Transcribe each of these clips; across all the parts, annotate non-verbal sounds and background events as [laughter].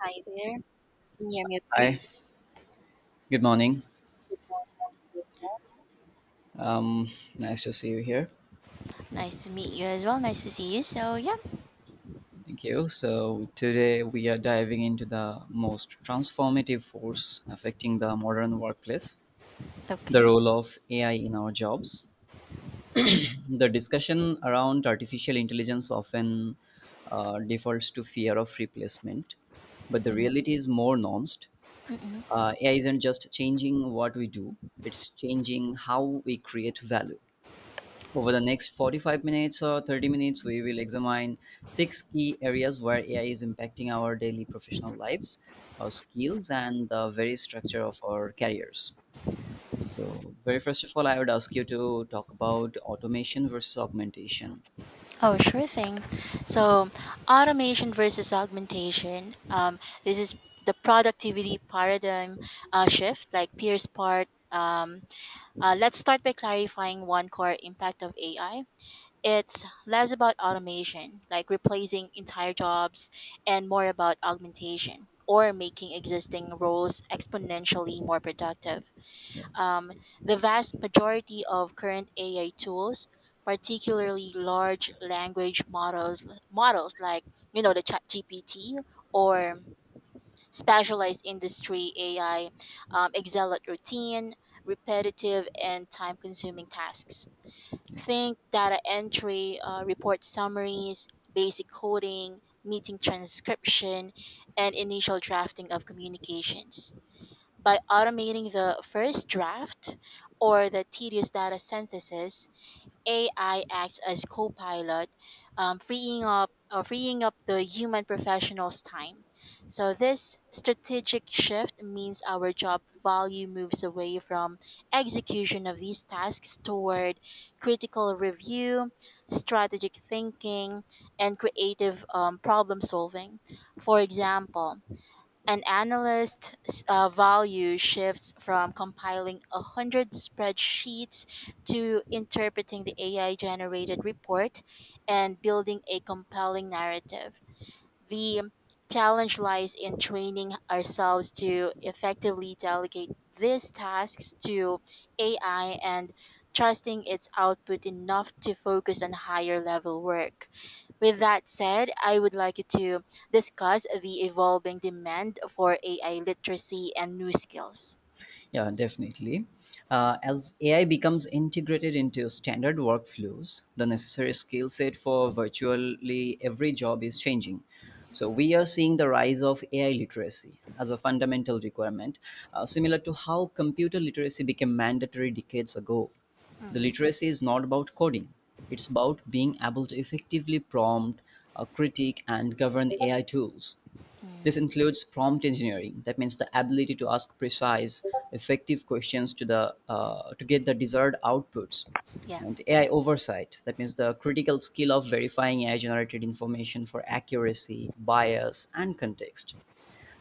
Hi there. Can you hear me okay? Hi, good morning. Good morning to you as well. Um, Nice to see you here. Nice to meet you as well. Nice to see you. So, yeah, Thank you. So, today we are diving into the most transformative force affecting the modern workplace, the okay. role of AI in our jobs. The discussion around artificial intelligence often defaults to fear of replacement, but the Mhm. reality is more nuanced. Mm-mm. AI isn't just changing what we do, it's changing how we create value. Over the next 45 minutes or 30 minutes, we will examine six key areas where AI is impacting our daily professional lives, our skills, and the very structure of our careers. So, very first of all, I would ask you to talk about automation versus augmentation. Oh, sure thing. So, automation versus augmentation. This is the productivity paradigm shift, like Pierce part. Let's start by clarifying one core impact of AI. It's less about automation, like replacing entire jobs, and more about augmentation or making existing roles exponentially more productive. Yeah. Um, the vast majority of current AI tools, particularly large language models, models like the ChatGPT or specialized industry AI, excel at routine, repetitive, and time-consuming tasks. Yeah. Think data entry, report summaries, basic coding, meeting transcription, and initial drafting of communications. By automating the first draft or the tedious data synthesis, AI acts as co-pilot, freeing up the human professional's time. So this strategic shift means our job value moves away from execution of these tasks toward critical review, strategic thinking, and creative problem solving. For example, an analyst's value shifts from compiling a hundred spreadsheets to interpreting the AI generated report and building a compelling narrative. The challenge lies in training ourselves to effectively delegate these tasks to AI and trusting its output enough to focus on higher level work. With that said, I would like to discuss the evolving demand for AI literacy and new skills. Yeah, definitely. As AI becomes integrated into standard workflows, the necessary skill set for virtually every job is changing. So, we are seeing the rise of AI literacy as a fundamental requirement, similar to how computer literacy became mandatory decades ago. The Mhm. literacy is not about coding, it's about being able to effectively prompt, critique, and govern AI tools. This Mhm. includes prompt engineering, that means the ability to ask precise, effective questions to the to get the desired outputs. Yeah. And AI oversight, that means the critical skill of verifying AI-generated information for accuracy, bias, and context.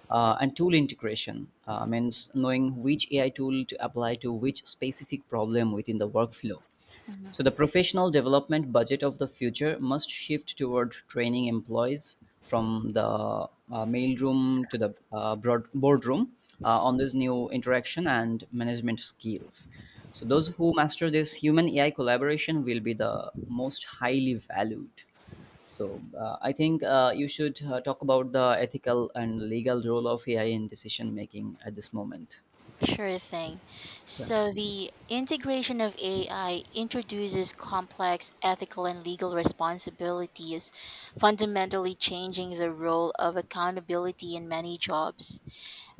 And tool integration means knowing which AI tool to apply to which specific problem within the workflow. Mhm. So the professional development budget of the future must shift toward training employees from the mailroom to the broad boardroom on this new interaction and management skills. So those who master this human AI collaboration will be the most highly valued. So I think you should talk about the ethical and legal role of AI in decision making at this moment. Sure thing. Yeah. So, the integration of AI introduces complex ethical and legal responsibilities, fundamentally changing the role of accountability in many jobs.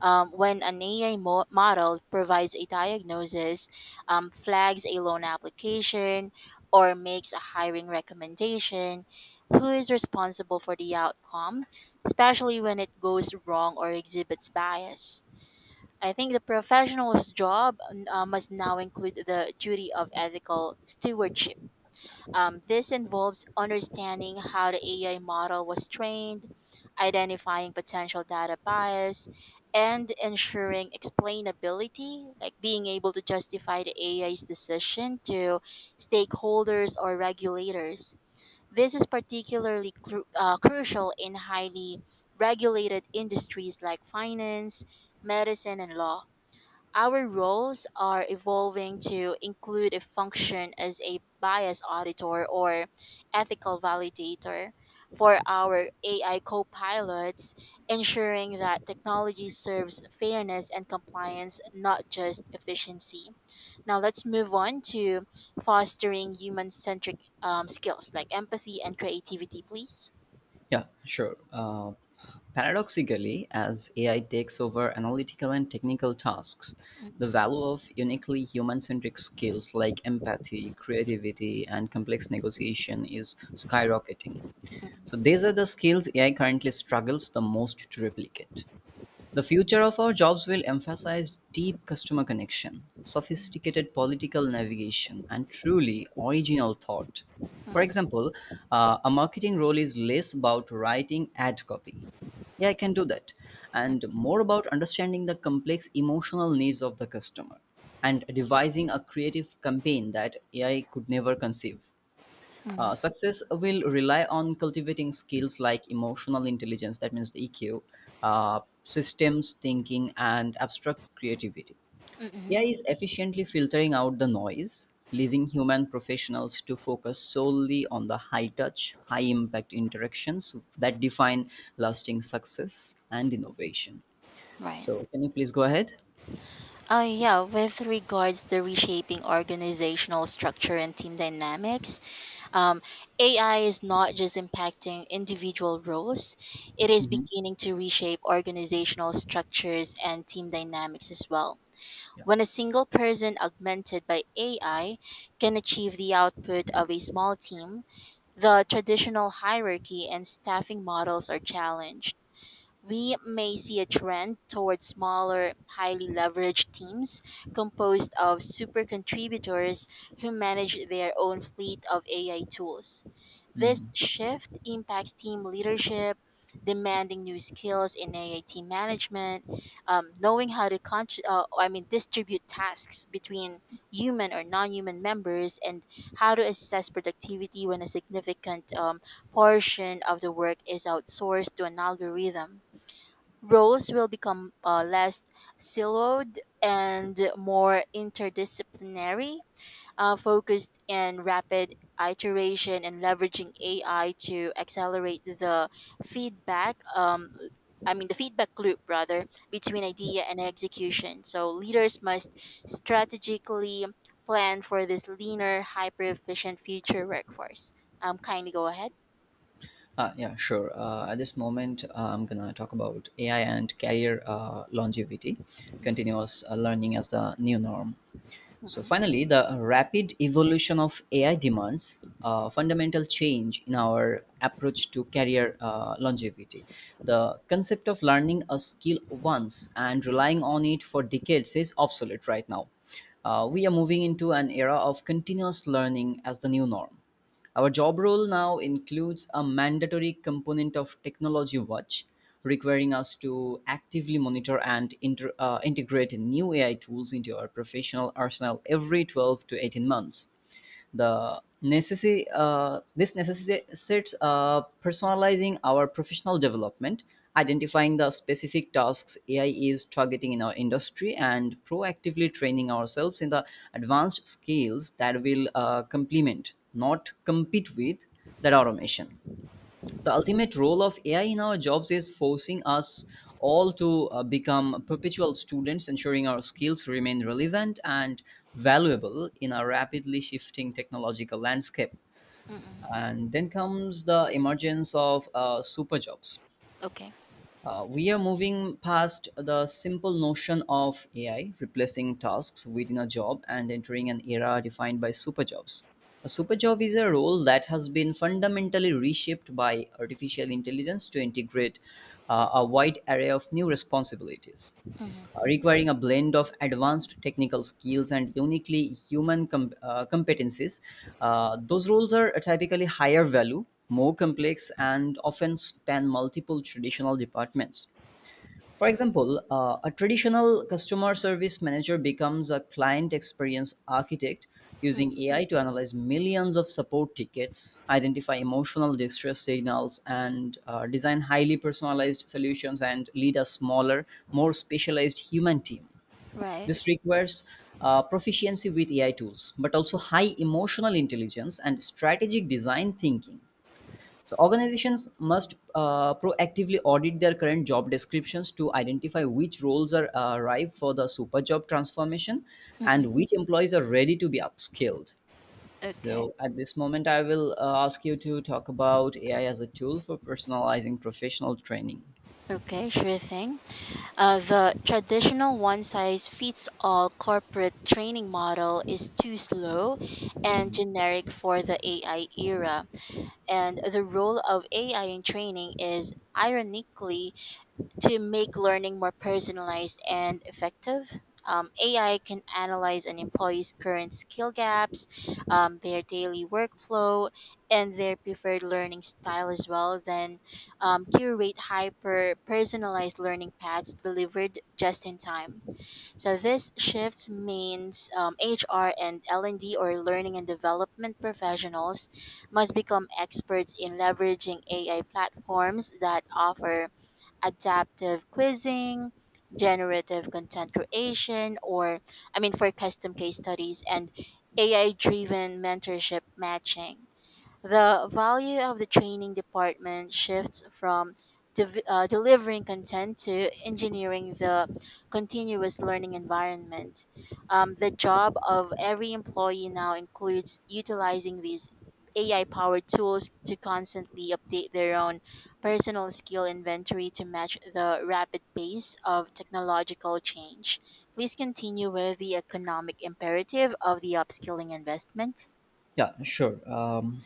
When an AI model provides a diagnosis, flags a loan application, or makes a hiring recommendation, who is responsible for the outcome, especially when it goes wrong or exhibits bias? I think the professional's job must now include the duty of ethical stewardship. This involves understanding how the AI model was trained, identifying potential data bias, and ensuring explainability, like being able to justify the AI's decision to stakeholders or regulators. This is particularly crucial in highly regulated industries like finance, medicine, and law. Our roles are evolving to include a function as a bias auditor or ethical validator for our AI co pilots, ensuring that technology serves fairness and compliance, not just efficiency. Now, let's move on to fostering human centric skills like empathy and creativity, please. Yeah, sure. Paradoxically, as AI takes over analytical and technical tasks, the Mm. value of uniquely human centric skills like empathy, creativity, and complex negotiation is skyrocketing. So, Mm. these are the skills AI currently struggles the most to replicate. The future of our jobs will emphasize deep customer connection, Mm. sophisticated political navigation, and truly original thought. Mm. Mm. For Mm. example, a marketing role is less about writing ad copy. Yeah, I can do that. And Mm. more about understanding the complex emotional needs of the customer and devising a creative campaign that AI could never conceive. Mm. Mm. Success will rely on cultivating skills like emotional intelligence, that means the EQ, systems thinking, and abstract creativity. Mm. Mm. AI is efficiently filtering out the noise, leaving human professionals to focus solely on the high touch, high impact interactions that define lasting success and innovation. Right. So, can you please go ahead? Yeah, with regards to reshaping organizational structure and team dynamics, um, AI is not just impacting individual roles, it is Mhm. beginning to reshape organizational structures and team dynamics as well. Yeah. When a single person augmented by AI can achieve the output of a small team, the traditional hierarchy and staffing models are challenged. We may see a trend towards smaller, highly leveraged teams composed of super contributors who manage their own fleet of AI tools. This Mhm. shift impacts team leadership, demanding new skills in AI team management, knowing how to distribute tasks between human or non-human members, and how to assess productivity when a significant portion of the work is outsourced to an algorithm. Roles will become less siloed and more interdisciplinary, focused in rapid iteration and leveraging AI to accelerate the feedback. Um, feedback loop rather between idea and execution. So leaders must strategically plan for this leaner, hyper efficient future workforce. Kindly go ahead. Yeah, sure. At this moment, I'm gonna talk about AI and career longevity, Mm. continuous learning as the new norm. So Mm. finally, the rapid evolution of AI demands a fundamental change in our approach to career longevity. The concept of learning a skill once and relying on it for decades is obsolete right now. We are moving into an era of continuous learning as the new norm. Our job role now includes a mandatory component of technology watch, requiring us to actively monitor and integrate new AI tools into our professional arsenal every 12 to 18 months. This necessitates personalizing our professional development, identifying the specific tasks AI is targeting in our industry and proactively training ourselves in the advanced skills that will complement, not compete with, that automation. The ultimate role of AI in our jobs is forcing us all to become perpetual students, ensuring our skills remain relevant and valuable in a rapidly shifting technological landscape. Mm. Mm. And then comes the emergence of super jobs. Okay. We are moving past the simple notion of AI replacing tasks within a job and entering an era defined by superjobs. A superjob is a role that has been fundamentally reshaped by artificial intelligence to integrate a wide array of new responsibilities, Mm. Requiring a blend of advanced technical skills and uniquely competencies. Those roles are typically higher value, more complex, and often span multiple traditional departments. For example, a traditional customer service manager becomes a client experience architect Mm. using AI to analyze millions of support tickets, identify emotional distress signals, and design highly personalized solutions and lead a smaller, more specialized human team. Right. This requires proficiency with AI tools, but also high emotional intelligence and strategic design thinking. So organizations must proactively audit their current job descriptions to identify which roles are ripe for the super job transformation and which employees are ready to be upskilled. Okay, So at this moment, I will ask you to talk about AI as a tool for personalizing professional training. okay, sure thing. The traditional one size fits all corporate training model is too slow and Mhm. generic for the AI era. And the role of AI in training is ironically to make learning more personalized and effective. AI can analyze an employee's current skill gaps, their daily workflow, and their preferred learning style as well, then curate hyper personalized learning paths delivered just in time. So this shift means HR and L&D or learning and development professionals must become experts in leveraging AI platforms that offer adaptive quizzing, generative content creation, or I mean, for custom case studies and AI driven mentorship matching. The value of the training department shifts from delivering content to engineering the continuous learning environment. The job of every employee now includes utilizing these AI powered tools to constantly update their own personal skill inventory to match the rapid pace of technological change. Please continue with the economic imperative of the upskilling investment. Yeah, sure. Um,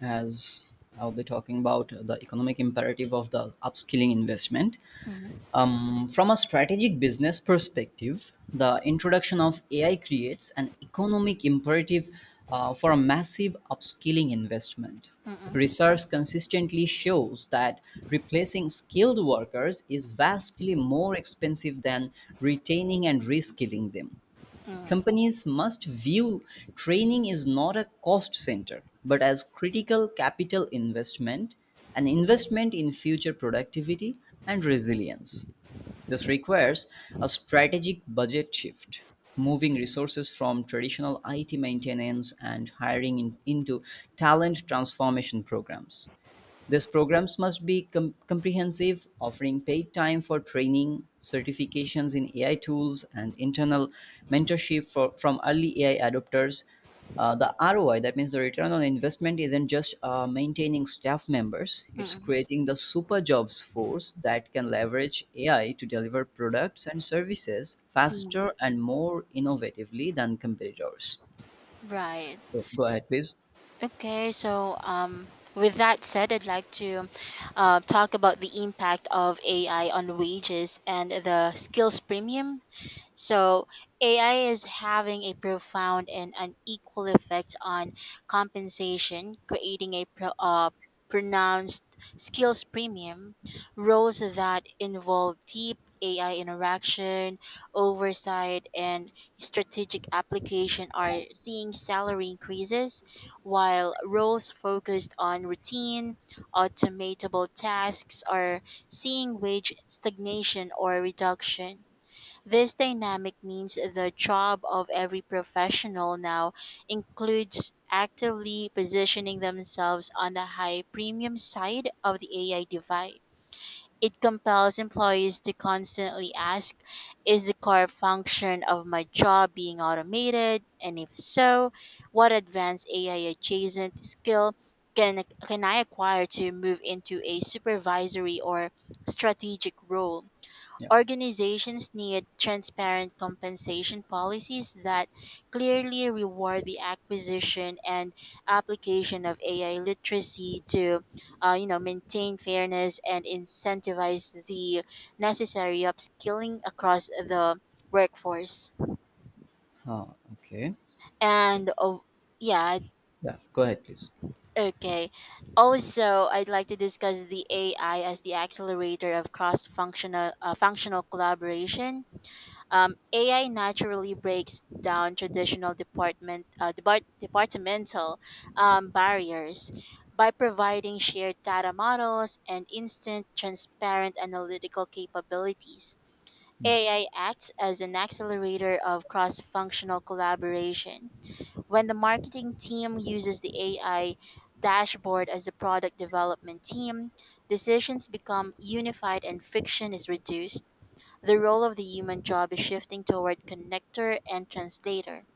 as I'll be talking about the economic imperative of the upskilling investment. Mhm. From a strategic business perspective, the introduction of AI creates an economic imperative for a massive upskilling investment. Mm-mm. Research consistently shows that replacing skilled workers is vastly more expensive than retaining and reskilling them. Mm. Companies must view training is not a cost center, but as critical capital investment, an investment in future productivity and resilience. This requires a strategic budget shift, moving resources from traditional IT maintenance and hiring into talent transformation programs. These programs must be comprehensive, offering paid time for training, certifications in AI tools, and internal mentorship for, from early AI adopters. The ROI, that means the return on investment, isn't just maintaining staff members, it's Mm. creating the super jobs force that can leverage AI to deliver products and services Mm. faster and more innovatively than competitors. Right. So go ahead, please. Okay. So, with that said, I'd like to talk about the impact of AI on wages and the skills premium. So AI is having a profound and unequal effect on compensation, creating a pronounced skills premium, roles that involve deep AI interaction, oversight, and strategic application are seeing salary increases, while roles focused on routine, automatable tasks are seeing wage stagnation or reduction. This dynamic means the job of every professional now includes actively positioning themselves on the high premium side of the AI divide. It compels employees to constantly ask, is the core function of my job being automated? And if so, what advanced AI adjacent skill can I acquire to move into a supervisory or strategic role? Yeah. Organizations need transparent compensation policies that clearly reward the acquisition and application of AI literacy to, maintain fairness and incentivize the necessary upskilling across the workforce. Ah, okay. So, And oh, yeah, yeah, go ahead, please. okay. Also, I'd like to discuss the AI as the accelerator of cross-functional functional collaboration. AI naturally breaks down traditional departmental barriers by providing shared data models and instant, transparent analytical capabilities. Mm. AI acts as an accelerator of cross functional collaboration. When the marketing team uses the AI dashboard as the product development team, decisions become unified and friction is reduced. The role of the human job is shifting toward connector and translator.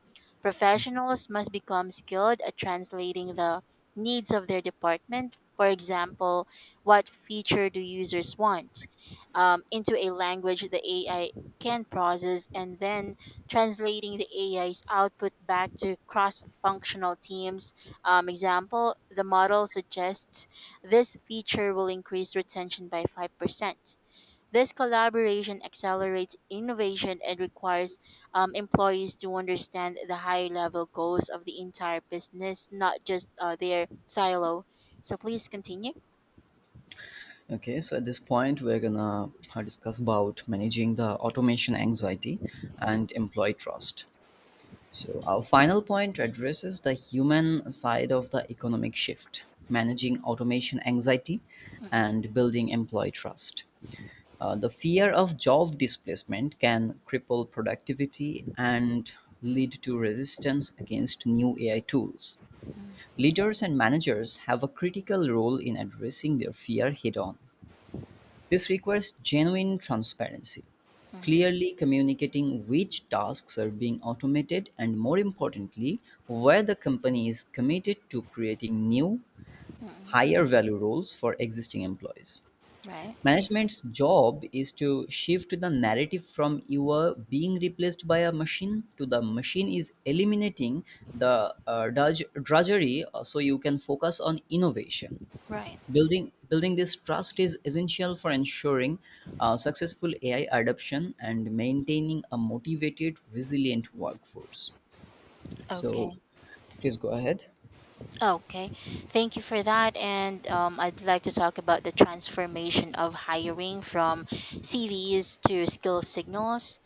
Professionals must become skilled at translating the needs of their department. For example, what feature do users want into a language the AI can process, and then translating the AI's output back to cross functional teams. Example, the model suggests this feature will increase retention by 5%. This collaboration accelerates innovation and requires employees to understand the high level goals of the entire business, not just their silo. So please continue. Okay, so at this point, we're gonna discuss about managing the automation anxiety Mm. and employee trust. So, our final point addresses the human side of the economic shift, managing automation anxiety Mm. and building employee trust. The fear of job displacement can cripple productivity and lead to resistance against new AI tools. Leaders and managers have a critical role in addressing their fear head on. This requires genuine transparency, Mm. clearly communicating which tasks are being automated and, more importantly, where the company is committed to creating new, Mm. higher value roles for existing employees. Right, Management's job is to shift the narrative from you are being replaced by a machine to the machine is eliminating the drudgery so you can focus on innovation. right. Building this trust is essential for ensuring successful AI adoption and maintaining a motivated, resilient workforce. Okay. So please go ahead. Okay. Thank you for that. And I'd like to talk about the transformation of hiring from CVs to skill signals.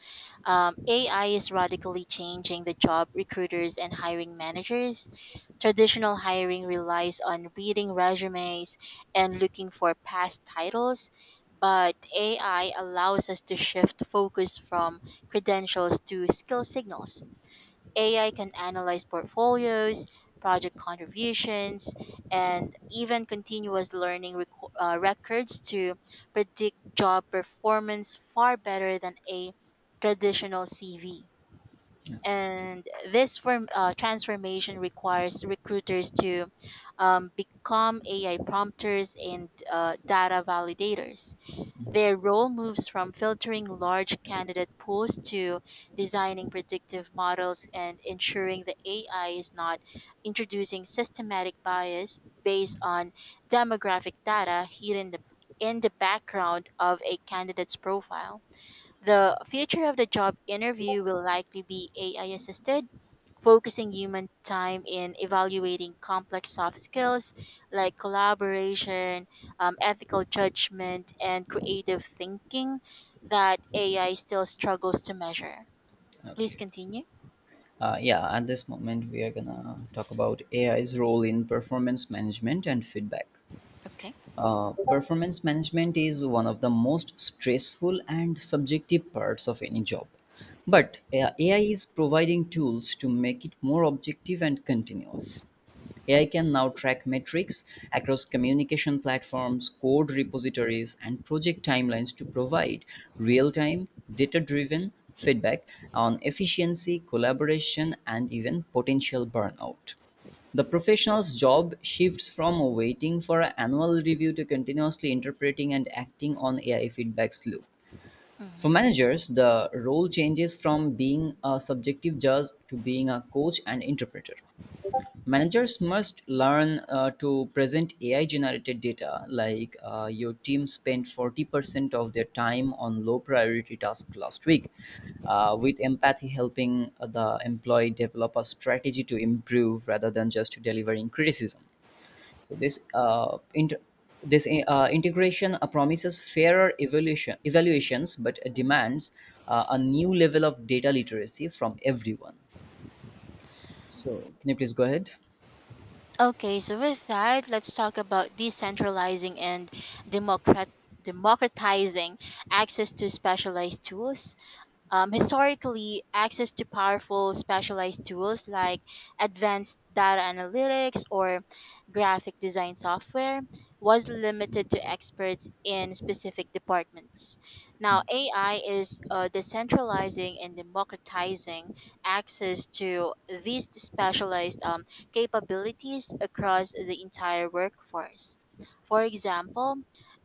AI is radically changing the job recruiters and hiring managers. Traditional hiring relies on reading resumes and looking for past titles, but AI allows us to shift focus from credentials to skill signals. AI can analyze portfolios, project contributions, and even continuous learning records to predict job performance far better than a traditional CV. And this transformation requires recruiters to become AI prompters and data validators. Mhm. Their role moves from filtering large candidate pools to designing predictive models and ensuring the AI is not introducing systematic bias based on demographic data hidden in the background of a candidate's profile. The future of the job interview will likely be AI assisted, focusing human time in evaluating complex soft skills like collaboration, ethical judgment, and creative thinking that AI still struggles to measure. Please Okay. continue. Yeah, at this moment, we are gonna talk about AI's role in performance management and feedback. Okay. Performance management is one of the most stressful and subjective parts of any job. But AI is providing tools to make it more objective and continuous. AI can now track metrics across communication platforms, code repositories, and project timelines to provide real time, data driven feedback on efficiency, collaboration, and even potential burnout. The professional's job shifts from waiting for an annual review to continuously interpreting and acting on AI feedback's loop. For Mhm. managers, the role changes from being a subjective judge to being a coach and interpreter. Managers must learn to present AI generated data like your team spent 40% of their time on low priority tasks last week, with empathy helping the employee develop a strategy to improve rather than just delivering criticism. So, this integration promises fairer evaluations but demands a new level of data literacy from everyone. So can you please go ahead? Okay, so with that, let's talk about decentralizing and democrat democratizing access to specialized tools. Historically, access to powerful specialized tools like advanced data analytics or graphic design software was limited to experts in specific departments. Now, AI is decentralizing and democratizing access to these specialized capabilities across the entire workforce. For example,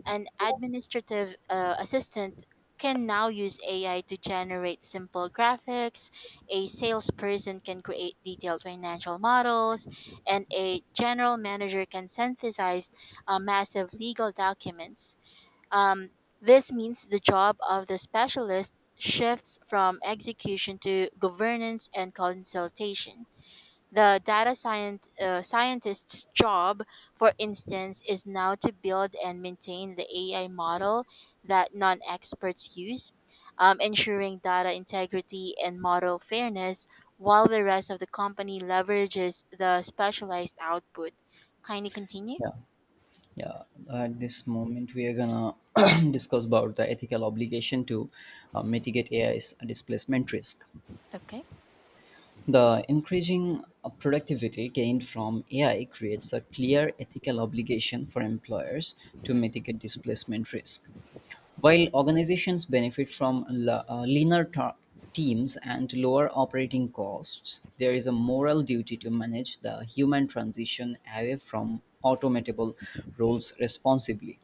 an administrative assistant can now use AI to generate simple graphics, a salesperson can create detailed financial models, and a general manager can synthesize massive legal documents. Um, this means the job of the specialist shifts from execution to governance and consultation. The scientist's job, for instance, is now to build and maintain the AI model that non experts use, ensuring data integrity and model fairness, while the rest of the company leverages the specialized output. Kindly continue. Yeah. Yeah, at this moment we are gonna [clears throat] discuss about the ethical obligation to mitigate AI's displacement risk. Okay. The increasing productivity gained from AI creates a clear ethical obligation for employers to mitigate displacement risk. While organizations benefit from leaner teams and lower operating costs, there is a moral duty to manage the human transition away from automatable roles responsibly.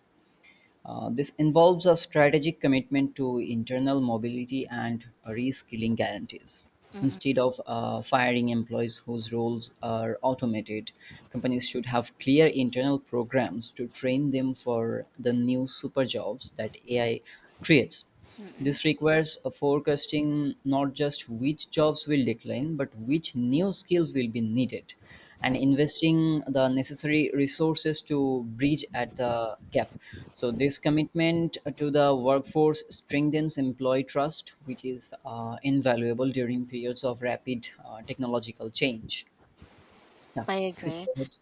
This involves a strategic commitment to internal mobility and reskilling guarantees. Mm. Instead Mm. of firing employees whose roles are automated, companies should have clear internal programs to train them for the new super jobs that AI creates. Mm. Mm. This requires a forecasting not just which jobs will decline, but which new skills will be needed, and Right. investing the necessary resources to bridge at the gap. So this commitment to the workforce strengthens employee trust, which is invaluable during periods of rapid technological change. Yeah. I Please agree. go ahead.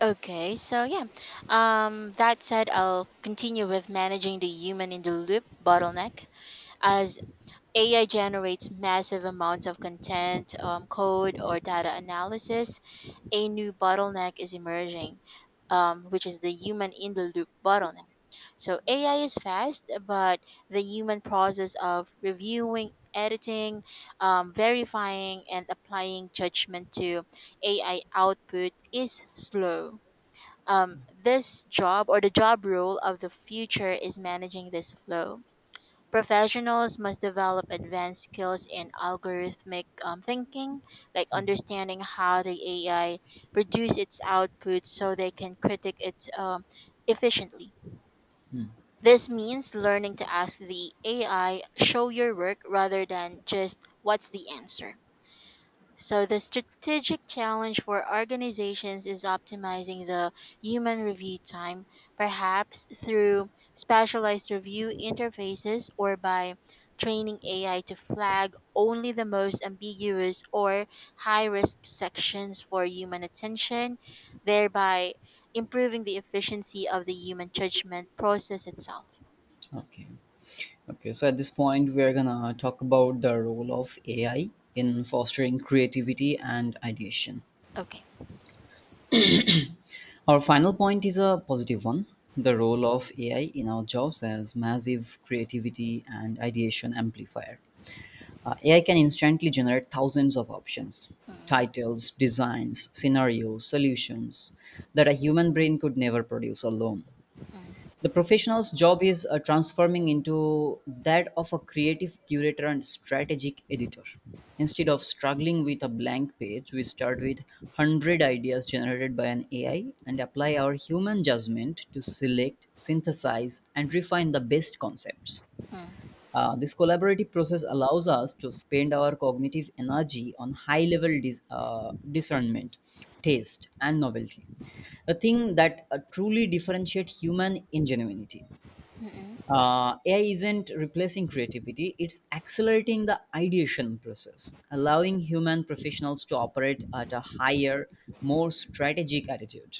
Okay, so yeah. That said, I'll continue with managing the human in the loop bottleneck as AI generates massive amounts of content, code, or data analysis. A new bottleneck is emerging, which is the human in the loop bottleneck. So AI is fast, but the human process of reviewing, editing, verifying, and applying judgment to AI output is slow. This job or the job role of the future is managing this flow. Professionals must develop advanced skills in algorithmic thinking, like understanding how the AI produces its output so they can critique it efficiently. Hmm. This means learning to ask the AI, show your work rather than just what's the answer. So the strategic challenge for organizations is optimizing the human review time, perhaps through specialized review interfaces or by training AI to flag only the most ambiguous or high risk sections for human attention, thereby improving the efficiency of the human judgment process itself. Okay. Okay, so at this point, we are gonna talk about the role of AI in fostering creativity and ideation. Okay. Our final point is a positive one. The role of AI in our jobs as massive creativity and ideation amplifier. AI can instantly generate thousands of options, Mm. titles, designs, scenarios, solutions that a human brain could never produce alone. Mm. The professional's job is transforming into that of a creative curator and strategic editor. Instead of struggling with a blank page, we start with 100 ideas generated by an AI and apply our human judgment to select, synthesize, and refine the best concepts. Mm. Mm. This collaborative process allows us to spend our cognitive energy on high level discernment, taste, and novelty, the thing that truly differentiate human ingenuity. Mm. AI isn't replacing creativity, it's accelerating the ideation process, allowing human professionals to operate at a higher, more strategic attitude.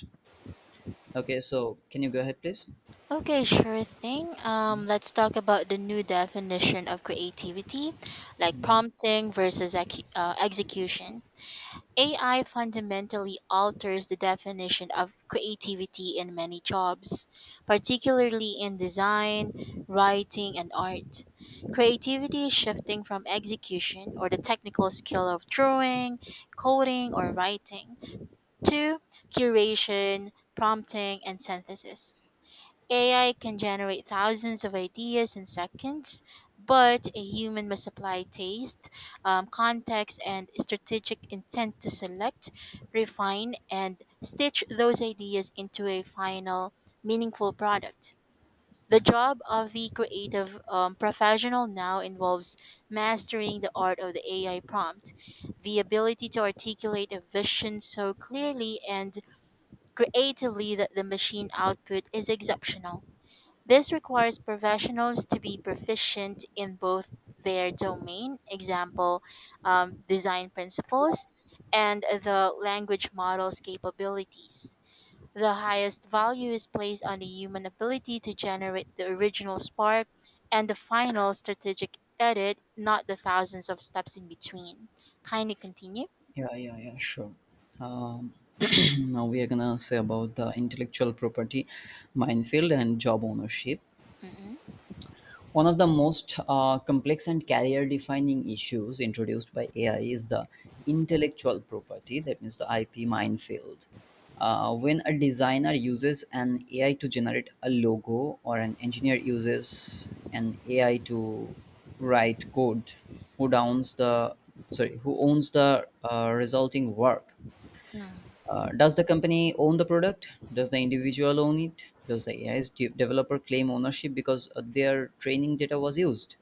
Okay, so can you go ahead, please? Okay, sure thing. Let's talk about the new definition of creativity, like Mm, prompting versus execution. AI fundamentally alters the definition of creativity in many jobs, particularly in design, writing, and art. Creativity is shifting from execution or the technical skill of drawing, coding, or writing to curation, prompting, and synthesis. AI can generate thousands of ideas in seconds, but a human must apply taste, context, and strategic intent to select, refine, and stitch those ideas into a final, meaningful product. The yeah, job of the creative professional now involves mastering the art of the AI prompt, the ability to articulate a vision so clearly and creatively that the machine output is exceptional. This requires professionals to be proficient in both their domain, example, design principles, and the language model's capabilities. The highest value is placed on the human ability to generate the original spark and the final strategic edit, not the thousands of steps in between. Kindly continue. Yeah, sure. Um, [clears throat] Now we are gonna say about the intellectual property minefield and job ownership. Mm-mm. One of the most complex and career defining issues introduced by AI is the intellectual property, that means the IP minefield. When a designer uses an AI to generate a logo, or an engineer uses an AI to write code, who owns the who owns the resulting work? Mm. Does the company own the product? Does the individual own it? Does the AI developer claim ownership because their training data was used?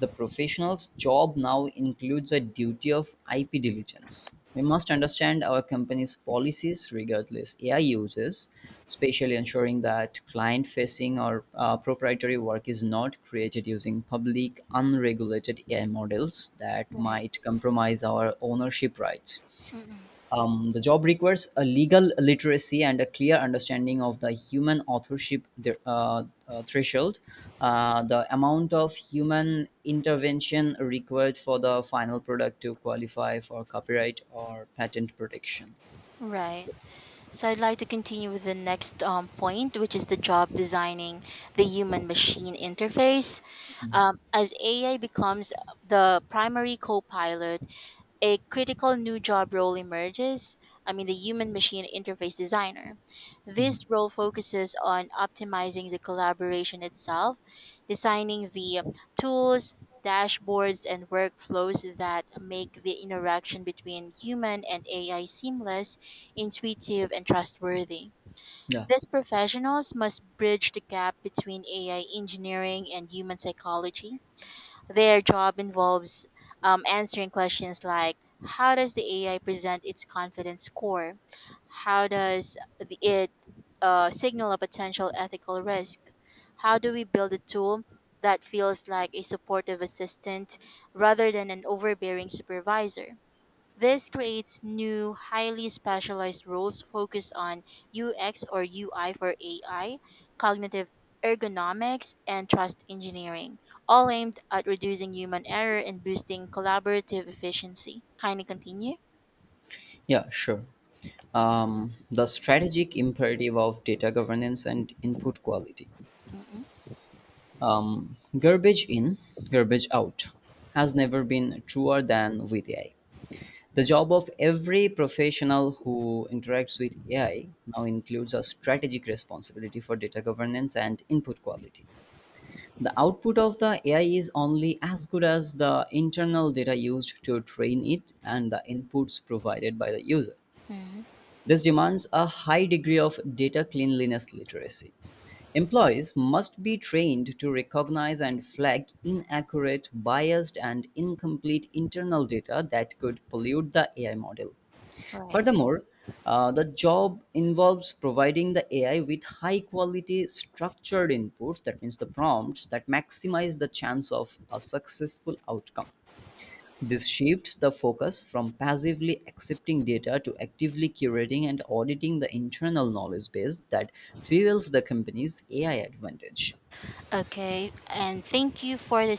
The professional's job now includes a duty of IP diligence. We must understand our company's policies regardless AI uses, especially ensuring that client facing or proprietary work is not created using public unregulated AI models that Right. might compromise our ownership rights. Mm-mm. The job requires a legal literacy and a clear understanding of the human authorship threshold, the amount of human intervention required for the final product to qualify for copyright or patent protection. Right. So I'd like to continue with the next point, which is the job designing the human machine interface. Mhm. As AI becomes the primary co pilot, a critical new job role emerges. I mean, the human machine interface designer. Mhm. This role focuses on optimizing the collaboration itself, designing the tools, dashboards, and workflows that make the interaction between human and AI seamless, intuitive, and trustworthy. Yeah, These professionals must bridge the gap between AI engineering and human psychology. Their job involves answering questions like, how does the AI present its confidence score? How does it signal a potential ethical risk? How do we build a tool that feels like a supportive assistant rather than an overbearing supervisor? This creates new, highly specialized roles focused on UX or UI for AI, cognitive ergonomics, and trust engineering, all aimed at reducing human error and boosting collaborative efficiency. Kindly continue. yeah, sure. The strategic imperative of data governance and input quality. Mm-mm. Garbage in, garbage out has never been truer than with AI. The job of every professional who interacts with AI now includes a strategic responsibility for data governance and input quality. The output of the AI is only as good as the internal data used to train it and the inputs provided by the user. Mhm. This demands a high degree of data cleanliness literacy. Employees must be trained to recognize and flag inaccurate, biased, and incomplete internal data that could pollute the AI model. Right. Furthermore, the job involves providing the AI with high quality structured inputs, that means the prompts that maximize the chance of a successful outcome. This shifts the focus from passively accepting data to actively curating and auditing the internal knowledge base that fuels the company's AI advantage. Okay. And thank you for this